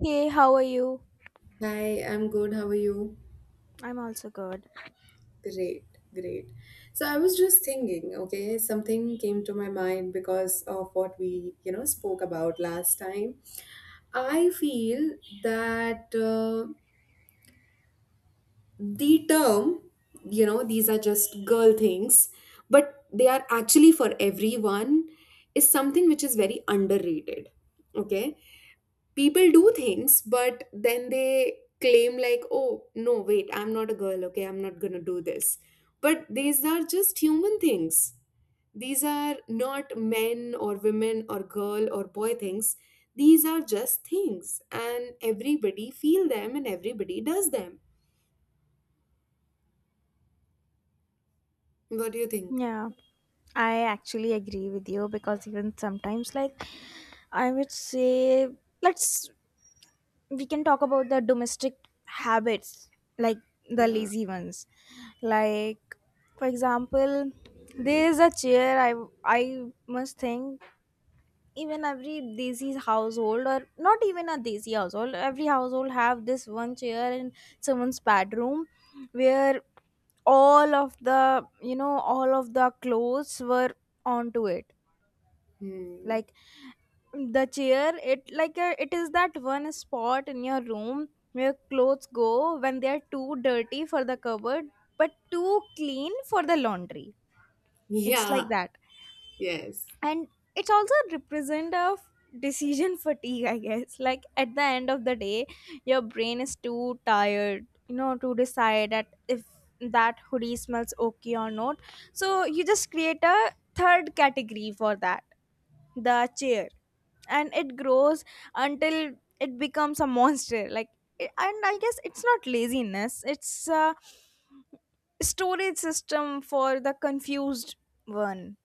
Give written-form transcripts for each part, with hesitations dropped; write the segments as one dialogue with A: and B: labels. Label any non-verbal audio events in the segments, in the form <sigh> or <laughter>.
A: Hey, how are you?
B: Hi, I'm good. How are you?
A: I'm also good.
B: Great, great. So I was just thinking, okay, something came to my mind because of what we, you know, spoke about last time. I feel that the term, you know, these are just girl things, but they are actually for everyone, is something which is very underrated. Okay. People do things but then they claim like, oh no wait, I'm not a girl, okay, I'm not going to do this. But these are just human things. These are not men or women or girl or boy things. These are just things and everybody feel them and everybody does them. What do you think?
A: Yeah, I actually agree with you because even sometimes, like, I would say, let's we can talk about the domestic habits, like the
B: Yeah.
A: lazy ones. Like, for example, there is a chair. I must think even every desi household, or not even a desi household, every household have this one chair in someone's bedroom where all of the clothes were onto it.
B: Hmm.
A: Like the chair, it is that one spot in your room where clothes go when they are too dirty for the cupboard but too clean for the laundry.
B: <laughs>
A: It's
B: Yeah.
A: like that.
B: Yes.
A: And it's also a represent of decision fatigue, I guess. Like, at the end of the day, your brain is too tired, to decide that if that hoodie smells okay or not. So you just create a third category for that, the chair, and it grows until it becomes a monster. And I guess it's not laziness, it's a storage system for the confused one.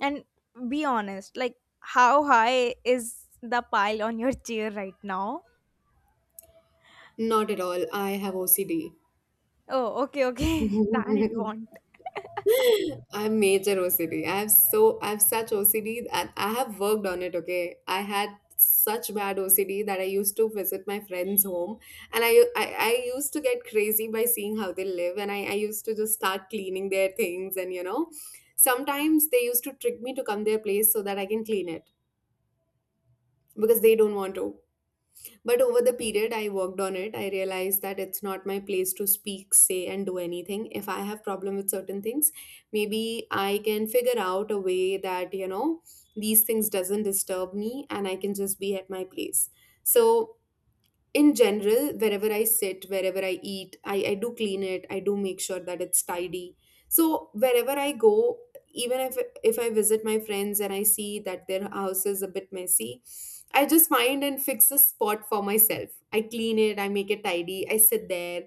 A: And be honest, like, how high is the pile on your chair right now?
B: Not at all, I have OCD.
A: Oh, okay, okay. <laughs> Then it won't.
B: <laughs> I'm major OCD. I have, so I have such OCD and I have worked on it, okay? I had such bad OCD that I used to visit my friend's home, and I used to get crazy by seeing how they live, and I used to just start cleaning their things, and you know, sometimes they used to trick me to come their place so that I can clean it, because they don't want to. But over the period I worked on it, I realized that it's not my place to speak, say, and do anything. If I have problem with certain things, maybe I can figure out a way that, you know, these things doesn't disturb me, and I can just be at my place. So in general, wherever I sit, wherever I eat, I do clean it, I do make sure that it's tidy. So wherever I go, even if I visit my friends and I see that their house is a bit messy, I just find and fix a spot for myself. I clean it, I make it tidy, I sit there,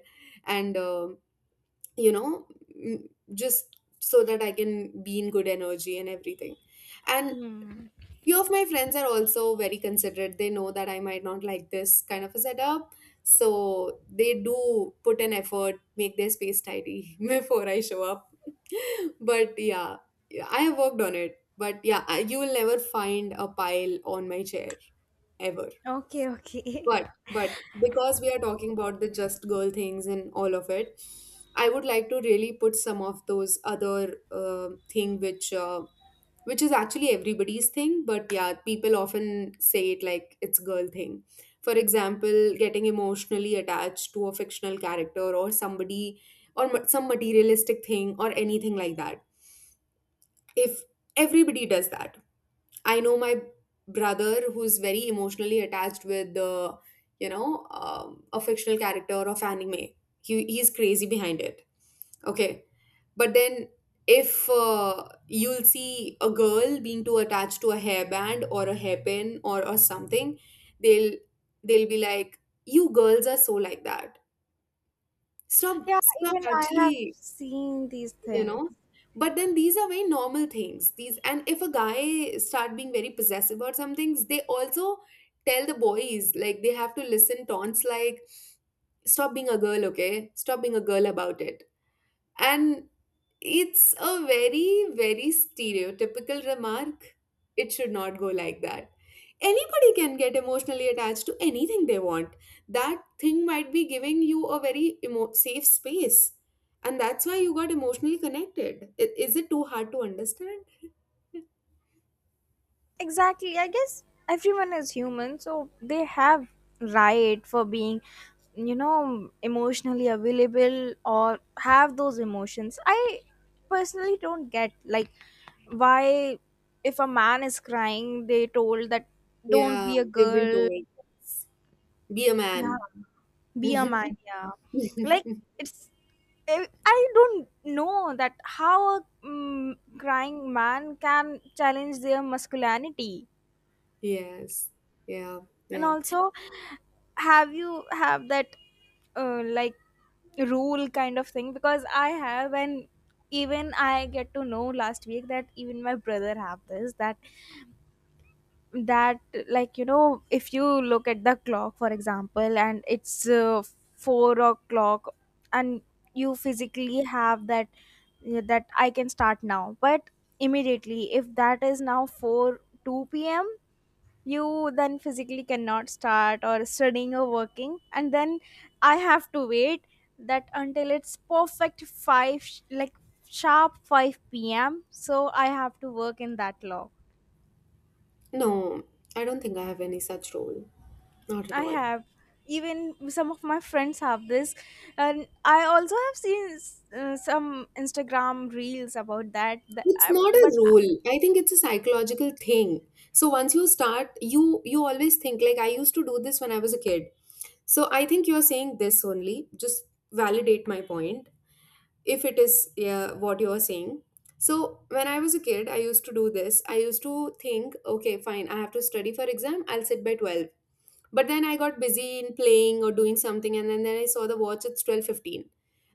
B: and you know, just so that I can be in good energy and everything. And
A: Hmm.
B: few of my friends are also very considerate, they know that I might not like this kind of a setup, so they do put an effort, make their space tidy <laughs> before I show up. <laughs> But yeah. Yeah, I have worked on it, but yeah, I, you will never find a pile on my chair, ever.
A: Okay, okay.
B: But
A: <laughs>
B: because we are talking about the just girl things and all of it, I would like to really put some of those other thing which is actually everybody's thing, but yeah, people often say it like it's girl thing. For example, getting emotionally attached to a fictional character or somebody, or some materialistic thing or anything like that. If everybody does that. I know my brother who's very emotionally attached with you know, a fictional character of anime. He's crazy behind it. Okay. But then, if you'll see a girl being too attached to a hairband or a hairpin or something, they'll be like, "You girls are so like that. Stop,
A: Yeah,
B: stop.
A: even I have
B: Actually,
A: seen these
B: you
A: things.
B: know." But then these are very normal things. These, and if a guy start being very possessive about some things, they also tell the boys, like they have to listen taunts like, "Stop being a girl, okay? Stop being a girl about it." And it's a very, very stereotypical remark. It should not go like that. Anybody can get emotionally attached to anything they want. That thing might be giving you a very safe space. And that's why you got emotionally connected. Is it too hard to understand?
A: Exactly. I guess everyone is human, so they have right for being, emotionally available or have those emotions. I personally don't get like why if a man is crying, they told that don't
B: Yeah,
A: be a
B: they've been
A: girl,
B: told. Be a
A: yeah,
B: man.
A: be a man,
B: <laughs>
A: yeah. Like, it's I don't know that how a crying man can challenge their masculinity.
B: Yes. Yeah.
A: And
B: Yeah.
A: also, have you have that like rule kind of thing? Because I have. And even I get to know last week that even my brother have this. That that like, if you look at the clock, for example, and it's 4 o'clock, and you physically have that, yeah, that I can start now. But immediately if that is now 4 2 p.m, you then physically cannot start or studying or working. And then I have to wait that until it's perfect 5 sharp 5 p.m. So I have to work in that law.
B: No, I don't think I have any such role. Not at
A: I
B: all.
A: have. Even some of my friends have this, and I also have seen some Instagram reels about that. The-
B: It's
A: I-
B: not a
A: but
B: rule. I think it's a psychological thing. So once you start, you always think, like I used to do this when I was a kid. So I think you're saying this only. Just validate my point if it is, yeah, what you're saying. So when I was a kid, I used to do this. I used to think, okay, fine, I have to study for exam. I'll sit by 12. But then I got busy in playing or doing something, and then I saw the watch, it's 12:15.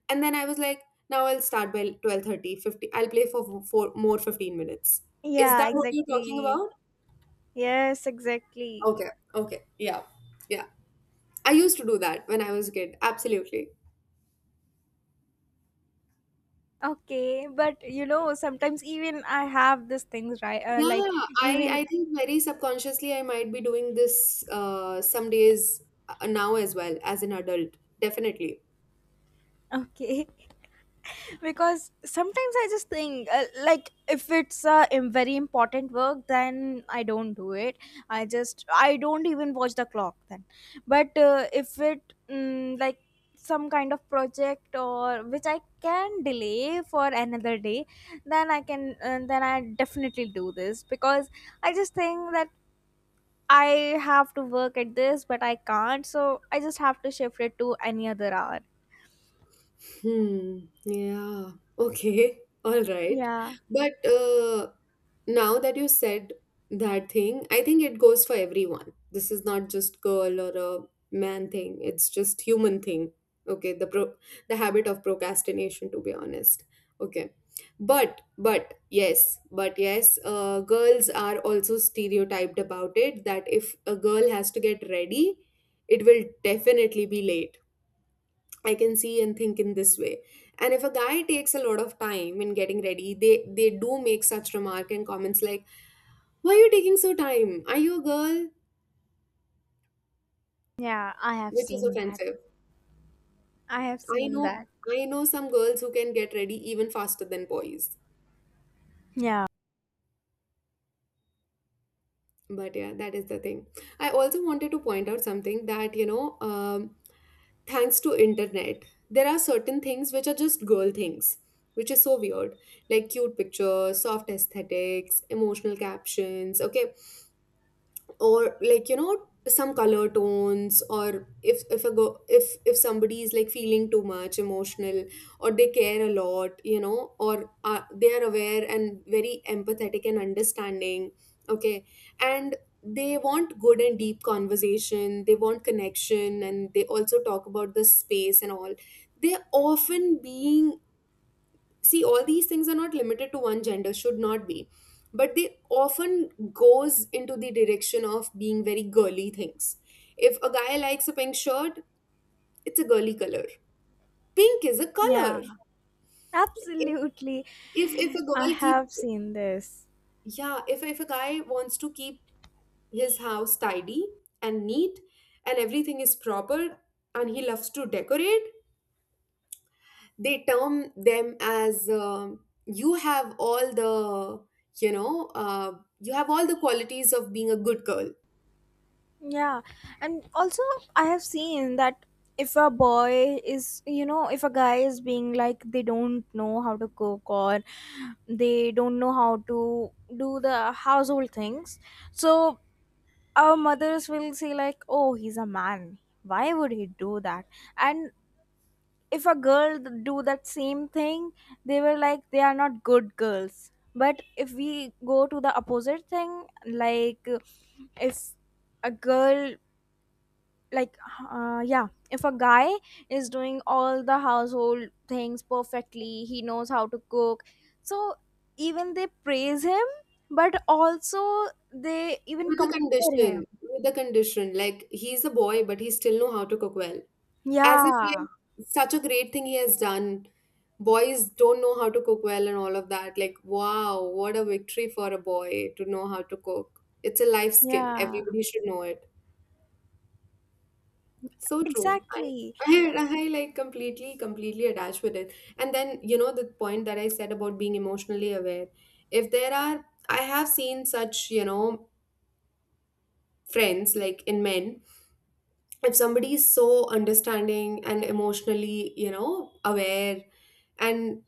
B: And then I was like, now I'll start by 12:30, 50. I'll play for four more 15 minutes. Is
A: Yeah,
B: that what you're talking
A: exactly.
B: about?
A: Yes, exactly.
B: Okay, okay, yeah, yeah. I used to do that when I was a kid, absolutely.
A: Okay, but you know, sometimes even I have these things, right? Like
B: Yeah,
A: even
B: I think very subconsciously I might be doing this some days, now as well as an adult, definitely.
A: Okay, <laughs> because sometimes I just think, like, if it's a very important work, then I don't do it. I don't even watch the clock then. But if it, like, some kind of project or which I can delay for another day, then I can then I definitely do this because I just think that I have to work at this, but I can't, so I just have to shift it to any other hour.
B: Hmm. Yeah. Okay. All right.
A: Yeah,
B: But now that you said that thing, I think it goes for everyone. This is not just girl or a man thing. It's just human thing. Okay. The habit of procrastination, to be honest. Okay. But yes, girls are also stereotyped about it, that if a girl has to get ready, it will definitely be late. I can see and think in this way. And if a guy takes a lot of time in getting ready, they do make such remark and comments like, "Why are you taking so time? Are you a girl?"
A: yeah, I have
B: Which is
A: seen that.
B: offensive.
A: I have
B: I
A: seen
B: know,
A: that.
B: some girls who can get ready even faster than boys.
A: Yeah,
B: But yeah, that is the thing. I also wanted to point out something, that you know, thanks to internet, there are certain things which are just girl things, which is so weird, like cute pictures, soft aesthetics, emotional captions. Okay, or like, you know, some color tones, or if a go if somebody is like feeling too much emotional, or they care a lot, you know, or they are aware and very empathetic and understanding. Okay. And they want good and deep conversation, they want connection, and they also talk about the space and all, they often being, see, all these things are not limited to one gender, should not be, but they often goes into the direction of being very girly things. If a guy likes a pink shirt, it's a girly color. Pink is a
A: yeah,
B: color. If
A: absolutely.
B: if a
A: I
B: girl keep
A: have seen this.
B: Yeah, if, a guy wants to keep his house tidy and neat and everything is proper, and he loves to decorate, they term them as, you have all the, you know, you have all the qualities of being a good girl.
A: Yeah, and also, I have seen that if a boy is, you know, if a guy is being like they don't know how to cook, or they don't know how to do the household things. So our mothers will say, like, oh, he's a man, why would he do that? And if a girl do that same thing, they were like they are not good girls. But if we go to the opposite thing, like, if a girl like yeah if a guy is doing all the household things perfectly, he knows how to cook. So even they praise him, but also they even
B: With the
A: compare him.
B: condition, like he's a boy but he still know how to cook well. As if
A: Yeah.
B: like such a great thing he has done. Boys don't know how to cook well and all of that, like wow, what a victory for a boy to know how to cook. It's a life skill,
A: Yeah,
B: everybody should know it. So true.
A: exactly.
B: I like completely, completely attached with it. And then, you know, the point that I said about being emotionally aware. If there are, I have seen such, you know, friends like in men, if somebody is so understanding and emotionally, you know, aware, and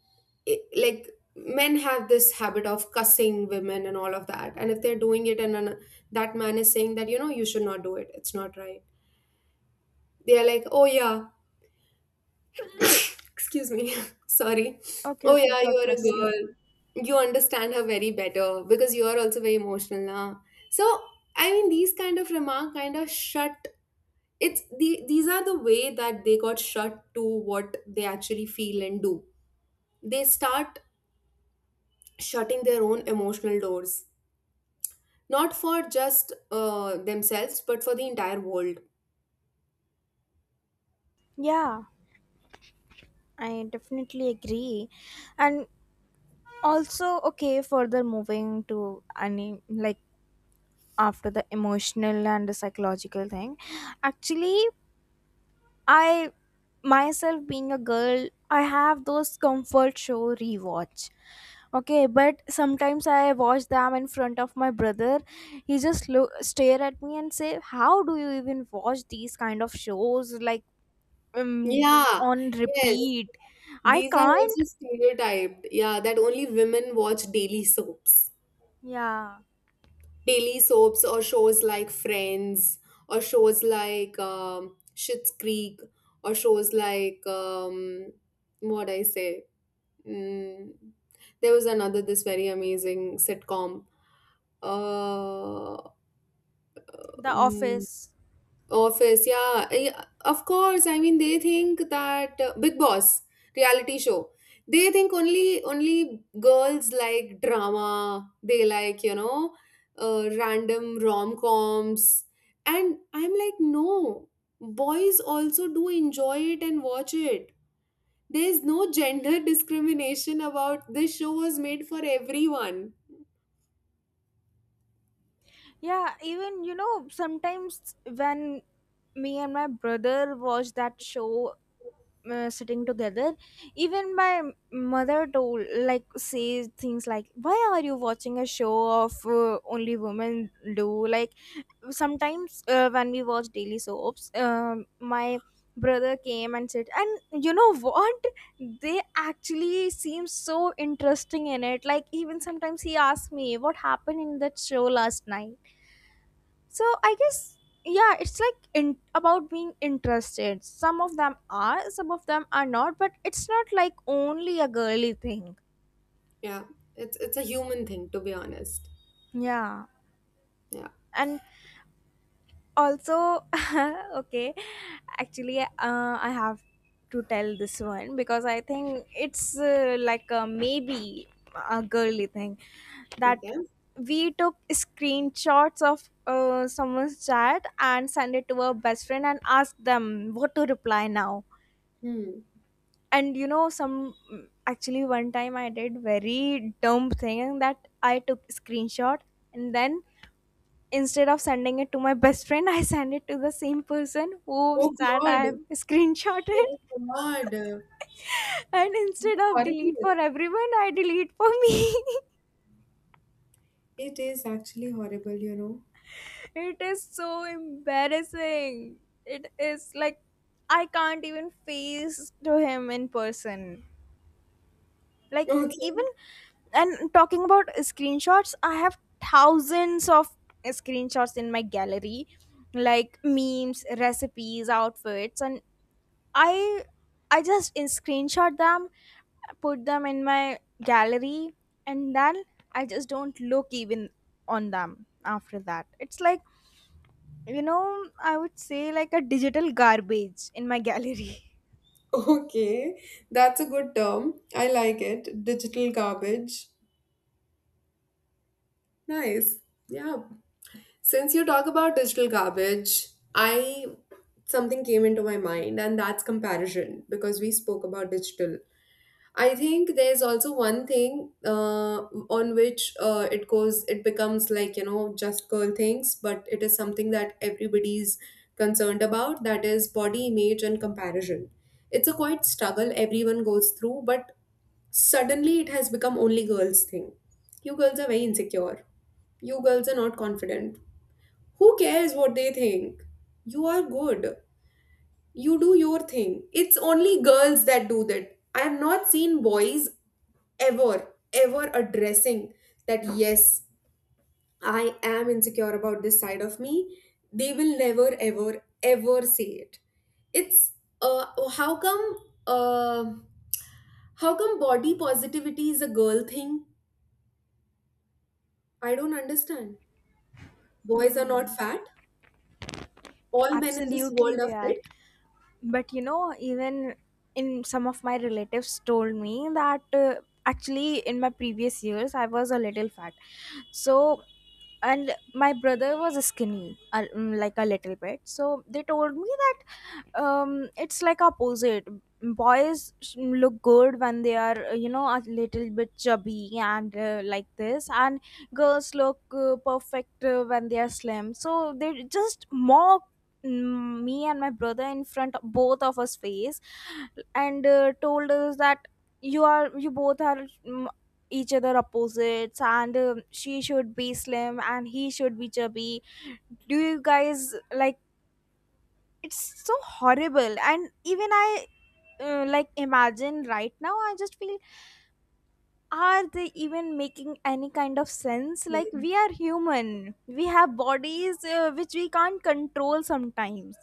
B: it, like men have this habit of cussing women and all of that. And if they're doing it, and that man is saying that, you know, you should not do it, it's not right. They are like, oh yeah, excuse me. <laughs> Sorry.
A: Okay,
B: Oh
A: okay.
B: yeah,
A: God
B: you are a
A: bless you.
B: girl. You understand her very better because you are also very emotional now. So I mean, these kind of remark kind of shut, it's the these are the way that they got shut to what they actually feel and do. They start shutting their own emotional doors. Not for just themselves, but for the entire world.
A: Yeah, I definitely agree. And also, okay, further moving to any, like, after the emotional and the psychological thing, actually, I myself being a girl, I have those comfort show rewatch. Okay, but sometimes I watch them in front of my brother. He just stare at me and say, "How do you even watch these kind of shows? Like." um,
B: Yeah,
A: on
B: yes.
A: repeat. I
B: These are
A: can't.
B: also stereotyped. Yeah, that only women watch daily soaps.
A: Yeah,
B: Daily soaps or shows like Friends, or shows like, Schitt's Creek, or shows like, what I say. Mm, there was another this very amazing sitcom. Uh,
A: The
B: mm,
A: Office.
B: Office, yeah, yeah, of course. I mean, they think that, Big Boss reality show. They think only girls like drama. They like, you know, random rom coms, and I'm like, no, boys also do enjoy it and watch it. There's no gender discrimination, about this show was made for everyone.
A: Yeah, even sometimes when me and my brother watch that show, sitting together, even my mother told like says things like, why are you watching a show of only women do? Like, sometimes when we watch daily soaps, my brother came and said, and you know what, they actually seem so interesting in it. Like, even sometimes he asked me what happened in that show last night. So I guess, yeah, it's like about being interested. Some of them are, some of them are not, but it's not like only a girly thing.
B: Yeah, it's a human thing, to be honest.
A: Yeah.
B: Yeah.
A: And also, <laughs> okay, actually, I have to tell this one because I think it's like a maybe a girly thing. That
B: Okay.
A: we took screenshots of someone's chat and send it to our best friend and ask them what to reply now.
B: Hmm.
A: And you know some actually, one time I did very dumb thing that I took screenshot. And then, instead of sending it to my best friend, <laughs> I sent it to the same person whose
B: Oh
A: that I
B: God.
A: have screenshotted.
B: Oh God,
A: <laughs> And instead of delete
B: horrible.
A: for everyone, I delete for me.
B: It is actually horrible, you know.
A: <laughs> It is so embarrassing. It is like I can't even face to him in person. Like, even
B: Okay,
A: and talking about screenshots, I have thousands of screenshots in my gallery, like memes, recipes, outfits. And i I just in screenshot them, put them in my gallery, and then I just don't look even on them after that. It's like, I would say, like, a digital garbage in my gallery. <laughs>
B: okay. That's a good term. I like it. Digital garbage. Nice. Yeah. Since you talk about digital garbage, I something came into my mind, and that's comparison because we spoke about digital. I think there's also one thing on which it goes, it becomes like, you know, just girl things, but it is something that everybody's concerned about, that is body image and comparison. It's a quite struggle everyone goes through, but suddenly it has become only girls' thing. You girls are very insecure. You girls are not confident. Who cares what they think? You are good. You do your thing. It's only girls that do that. I have not seen boys ever, ever addressing that, yes, I am insecure about this side of me, they will never, ever, ever say it. It's uh, how come uh, how come body positivity is a girl thing? I don't understand. Boys are not
A: Hmm.
B: fat. All men in this
A: Absolutely,
B: world
A: they
B: are
A: are. But you know even in some of my relatives told me that actually in my previous years I was a little fat. So and my brother was skinny, like a little bit. So they told me that it's like opposite. Boys look good when they are a little bit chubby, and like this. And girls look perfect when they are slim. So they just mock, me and my brother in front of both of us face, and told us that you both are, each other opposites. And she should be slim and he should be chubby. Do you guys like? It's so horrible. And even I, like, imagine right now, I just feel, are they even making any kind of sense? Like,
B: fit.
A: we are human, we have bodies, which we can't control sometimes.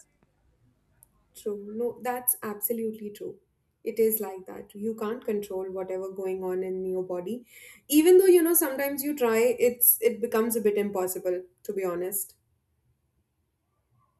B: True. No, that's absolutely true. It is like that. You can't control whatever going on in your body. Even though, you know, sometimes you try, it becomes a bit impossible, to be honest.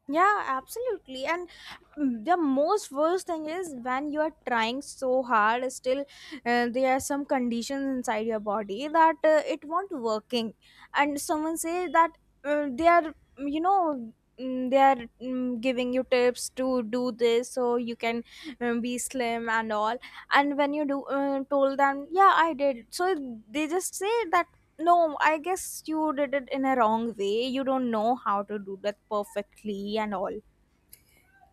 A: Yeah, absolutely. And, the most worst thing is when you are trying so hard, still there are some conditions inside your body that it won't working. And someone say that they are, mm, you know, they are giving you tips to do this so you can be slim and all. And when you do told them, yeah I did. So they just say that no, I guess you did it in a wrong way, you don't know how to do that perfectly and all.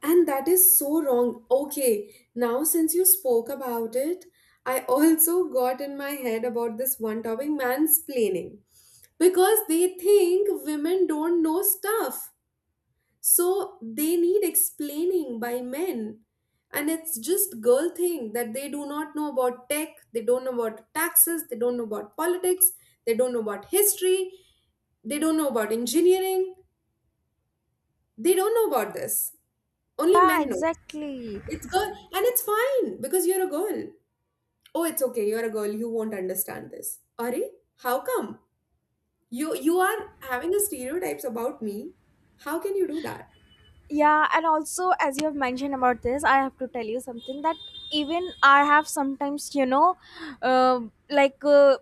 B: And that is so wrong. Okay, now since you spoke about it, I also got in my head about this one topic mansplaining. Because they think women don't know stuff. So they need explaining by men. And it's just girl thing that they do not know about tech, they don't know about taxes, they don't know about politics, they don't know about history, they don't know about engineering, they don't know about this. Only
A: Yeah,
B: men know.
A: exactly.
B: It's girl, and it's fine because you're a girl. Oh, it's okay. You're a girl. You won't understand this. Are how come you are having a stereotypes about me? How can you do that?
A: Yeah, and also, as you have mentioned about this, I have to tell you something that even I have sometimes, uh, like,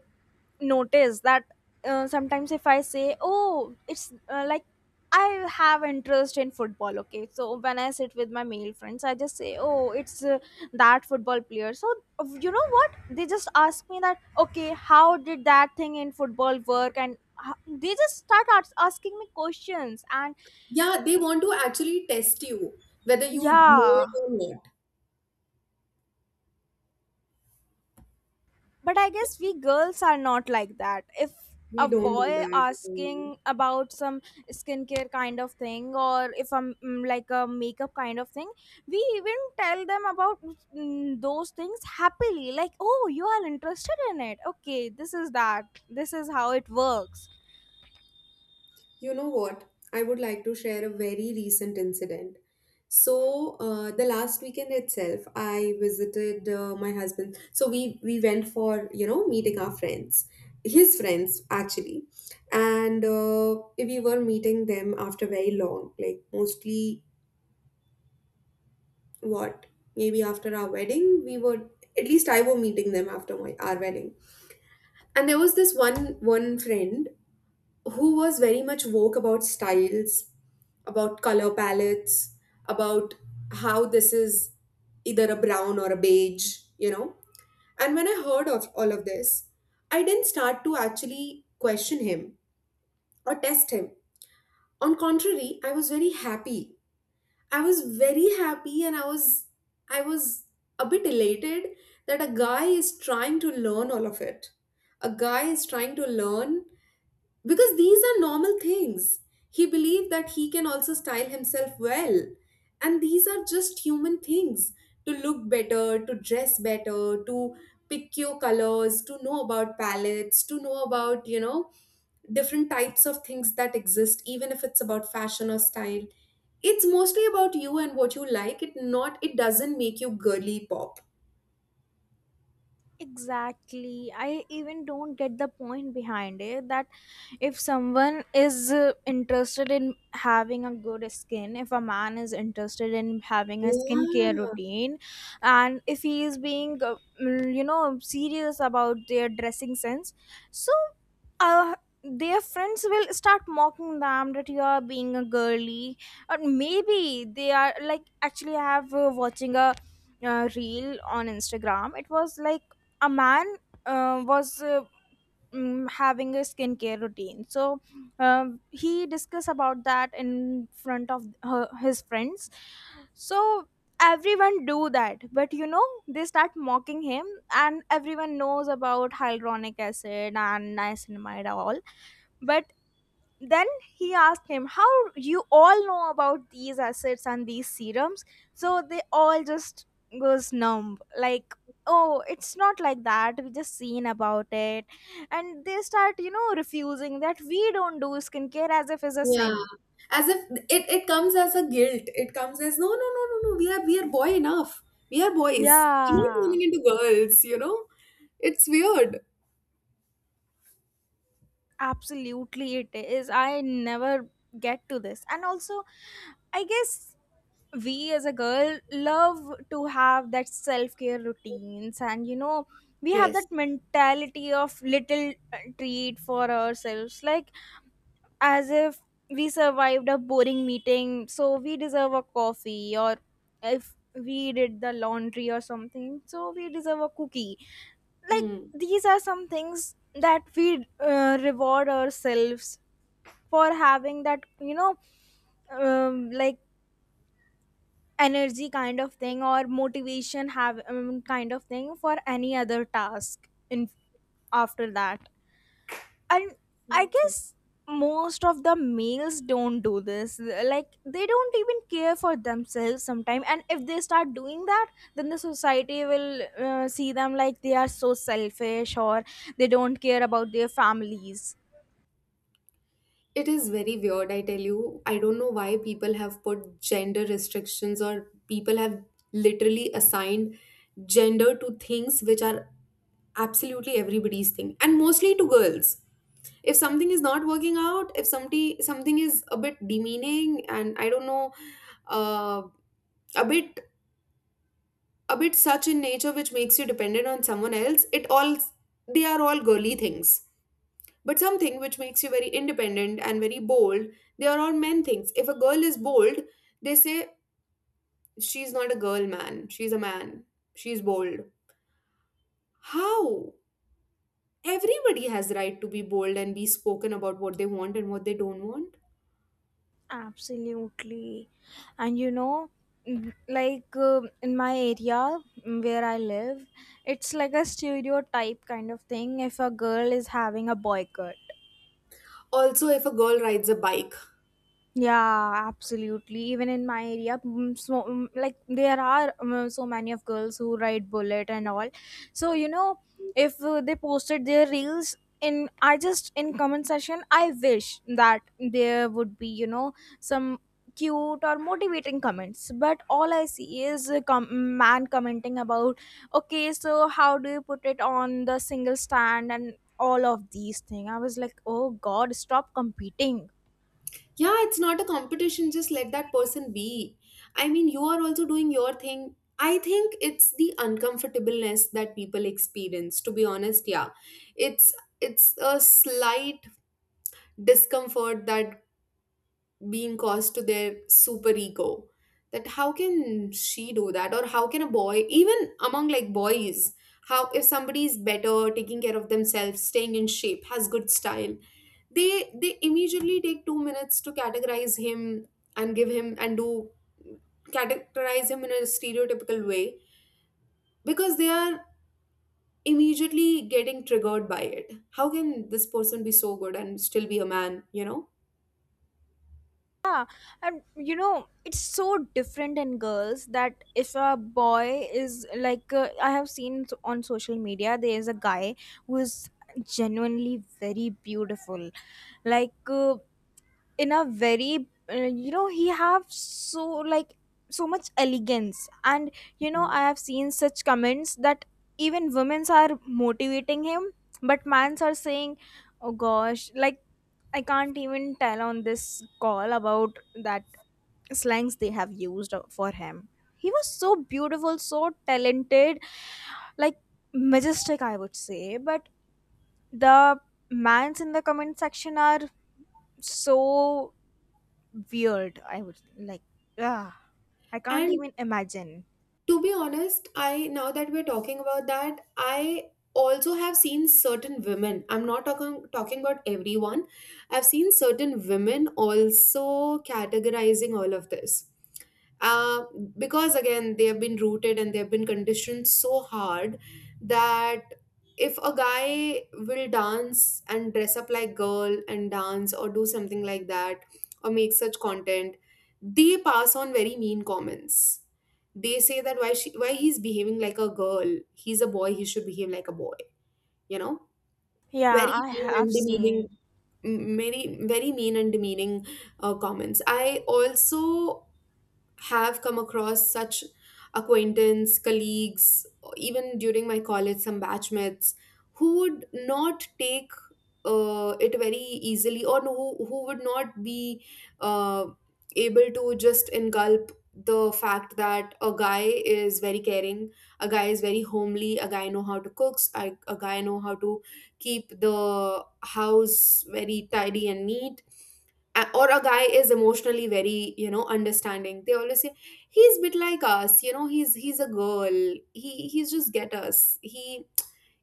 A: notice that sometimes if I say, oh, it's like, I have interest in football. Okay, so when I sit with my male friends, I just say, oh, it's that football player. So you know what, they just ask me that, okay, how did that thing in football work? And they just start asking me questions. And
B: Yeah, they want to actually test you whether you know
A: yeah.
B: it or not.
A: But I guess we girls are not like that. If a
B: We don't do
A: boy
B: that.
A: asking about some skincare kind of thing, or if I'm like, a makeup kind of thing, we even tell them about those things happily, like, oh, you are interested in it, okay, this is that. This is how it works.
B: You know what? I would like to share a very recent incident. So, the last weekend itself, I visited my husband. So we went for, you know, meeting our friends, his friends actually, and we were meeting them after very long, like mostly what maybe after our wedding, we were at least I were meeting them after my our wedding. And there was this one friend who was very much woke about styles, about color palettes, about how this is either a brown or a beige, you know. And when I heard of all of this, I didn't start to actually question him or test him. On contrary, I was very happy. I was very happy and I was a bit elated that a guy is trying to learn all of it. A guy is trying to learn because these are normal things. He believed that he can also style himself well. And these are just human things to look better, to dress better, to pick your colors, to know about palettes, to know about, you know, different types of things that exist, even if it's about fashion or style. It's mostly about you and what you like. It doesn't make you girly pop.
A: Exactly. I even don't get the point behind it that if someone is interested in having a good skin, if a man is interested in having a skincare
B: Yeah.
A: routine, and if he is being, serious about their dressing sense. So uh, their friends will start mocking them that you are being a girly. Or maybe they are like actually I have watching a reel on Instagram. It was like a man was having a skincare routine. So he discussed about that in front of his friends. So everyone do that, but they start mocking him. And everyone knows about hyaluronic acid and niacinamide all. But then he asked him, how you all know about these acids and these serums? So they all just goes numb. Like, oh, it's not like that. We just seen about it. And they start, refusing that we don't do skincare as if it's a
B: Yeah.
A: sin.
B: As if it comes as a guilt. It comes as no, no, no, no, no. We are boy enough. We are boys. We're not
A: Yeah.
B: turning into girls, you know? It's weird.
A: Absolutely, it is. I never get to this. And also, I guess we as a girl love to have that self care routines, and we have
B: Yes.
A: that mentality of little treat for ourselves, like as if we survived a boring meeting, so we deserve a coffee, or if we did the laundry or something, so we deserve a cookie like
B: Hmm.
A: these are some things that we reward ourselves for having that um, like energy kind of thing or motivation have kind of thing for any other task in after that. And I
B: Not
A: guess
B: true.
A: most of the males don't do this, like they don't even care for themselves sometimes, and if they start doing that, then the society will see them like they are so selfish or they don't care about their families.
B: It is very weird, I tell you. I don't know why people have put gender restrictions or people have literally assigned gender to things which are absolutely everybody's thing, and mostly to girls, if something is not working out, if somebody something is a bit demeaning, and I don't know, uh, a bit, such in nature which makes you dependent on someone else, it all, they are all girly things. But something which makes you very independent and very bold, they are all men things. If a girl is bold, they say she's not a girl, man, she's a man, she's bold. How? Everybody has right to be bold and be spoken about what they want and what they don't want.
A: Absolutely. And you know, in my area, where I live, it's like a stereotype kind of thing if a girl is having a boycott.
B: Also, if a girl rides a bike,
A: Yeah, absolutely. Even in my area, so like there are so many of girls who ride bullet and all. So you know, if they posted their reels in, I just in comment section, I wish that there would be you know some cute or motivating comments. But all I see is a man commenting about, okay, so how do you put it on the single stand and all of these things. I was like, oh God, stop competing.
B: yeah, it's not a competition, just let that person be. I mean, you are also doing your thing. I think it's the uncomfortableness that people experience, to be honest. Yeah, it's it's a slight discomfort that being caused to their super ego, that how can she do that, or how can a boy, even among like boys, how if somebody is better taking care of themselves, staying in shape, has good style, they immediately take 2 minutes to categorize him, and give him and do categorize him in a stereotypical way, because they are immediately getting triggered by it. How can this person be so good and still be a man, you know?
A: Yeah, and you know, it's so different in girls that if a boy is like, I have seen on social media, there is a guy who is genuinely very beautiful. Like, in a very, you know, he have so, like, so much elegance. And, you know, I
B: Mhm.
A: have seen such comments that even women's are motivating him, but mans are saying, oh gosh, like, I can't even tell on this call about that slangs they have used for him. He was so beautiful, so talented, like majestic, I would say. But the mans in the comment section are so weird. I would like, ah, I can't
B: And
A: even imagine.
B: to be honest, I, now that we're talking about that, I also have seen certain women, I'm not talking about everyone, I've seen certain women also categorizing all of this, uh, because again they have been rooted and they have been conditioned so hard that if a guy will dance and dress up like girl and dance or do something like that, or make such content, they pass on very mean comments. They say that why she, why he's behaving like a girl, he's a boy, he should behave like a boy, you know.
A: Yeah,
B: Very
A: I
B: mean
A: have
B: and demeaning,
A: seen.
B: very very mean and demeaning comments. I also have come across such acquaintance, colleagues, or even during my college, some batchmates who would not take it very easily, or who would not be uh, able to just engulf the fact that a guy is very caring, a guy is very homely, a guy know how to cooks, a guy know how to keep the house very tidy and neat, or a guy is emotionally very, you know, understanding. They always say he's a bit like us, you know, he's a girl, he's just get us, he,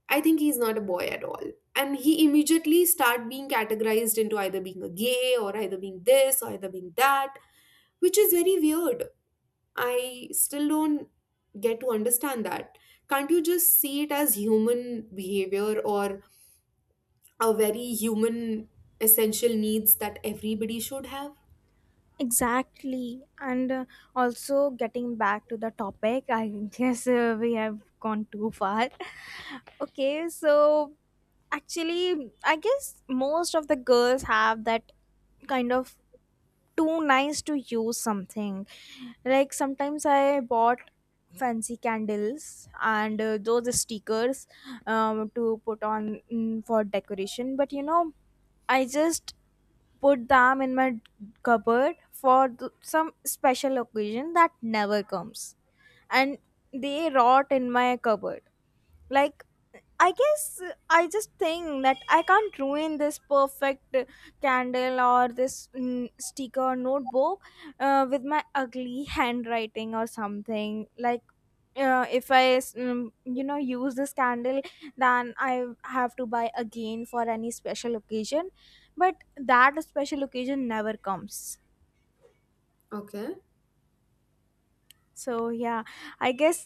B: I think he's not a boy at all, and he immediately start being categorized into either being a gay, or either being this, or either being that, which is very weird. I still don't get to understand that. Can't you just see it as human behavior, or a very human essential needs that everybody should have?
A: Exactly. And also getting back to the topic, <laughs> I guess we have gone too far. <laughs> Okay, so actually, I guess most of the girls have that kind of too nice to use something. Like sometimes I bought fancy candles and those stickers to put on for decoration, but you know, I just put them in my cupboard for some special occasion that never comes, and they rot in my cupboard. Like I guess I just think that I can't ruin this perfect candle or this sticker or notebook with my ugly <laughs> handwriting or something. Like if you know, use this candle, then I have to buy again for any special occasion, but that special occasion never comes.
B: Okay.
A: So yeah, I guess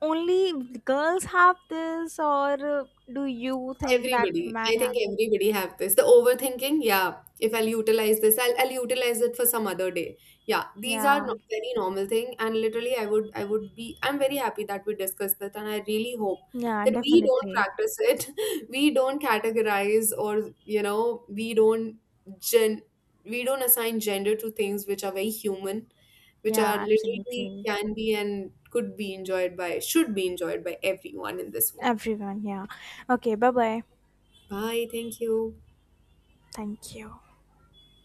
A: only girls have this, or uh, do you think that
B: Everybody,
A: men
B: I
A: have—
B: think everybody have this. The overthinking, yeah. If I'll utilize this, I'll utilize it for some other day. Yeah, these are
A: Yeah,
B: very normal thing, and literally, I would be I'm very happy that we discussed that, and I really hope
A: yeah,
B: that we don't
A: definitely.
B: practice it, <laughs> we don't categorize, or you know, we don't gen we don't assign gender to things which are very human, which are
A: Yeah,
B: literally
A: absolutely.
B: can be and could be enjoyed by should be enjoyed by everyone in this world.
A: Everyone, yeah. Okay, bye bye.
B: Bye. Thank you.
A: Thank you.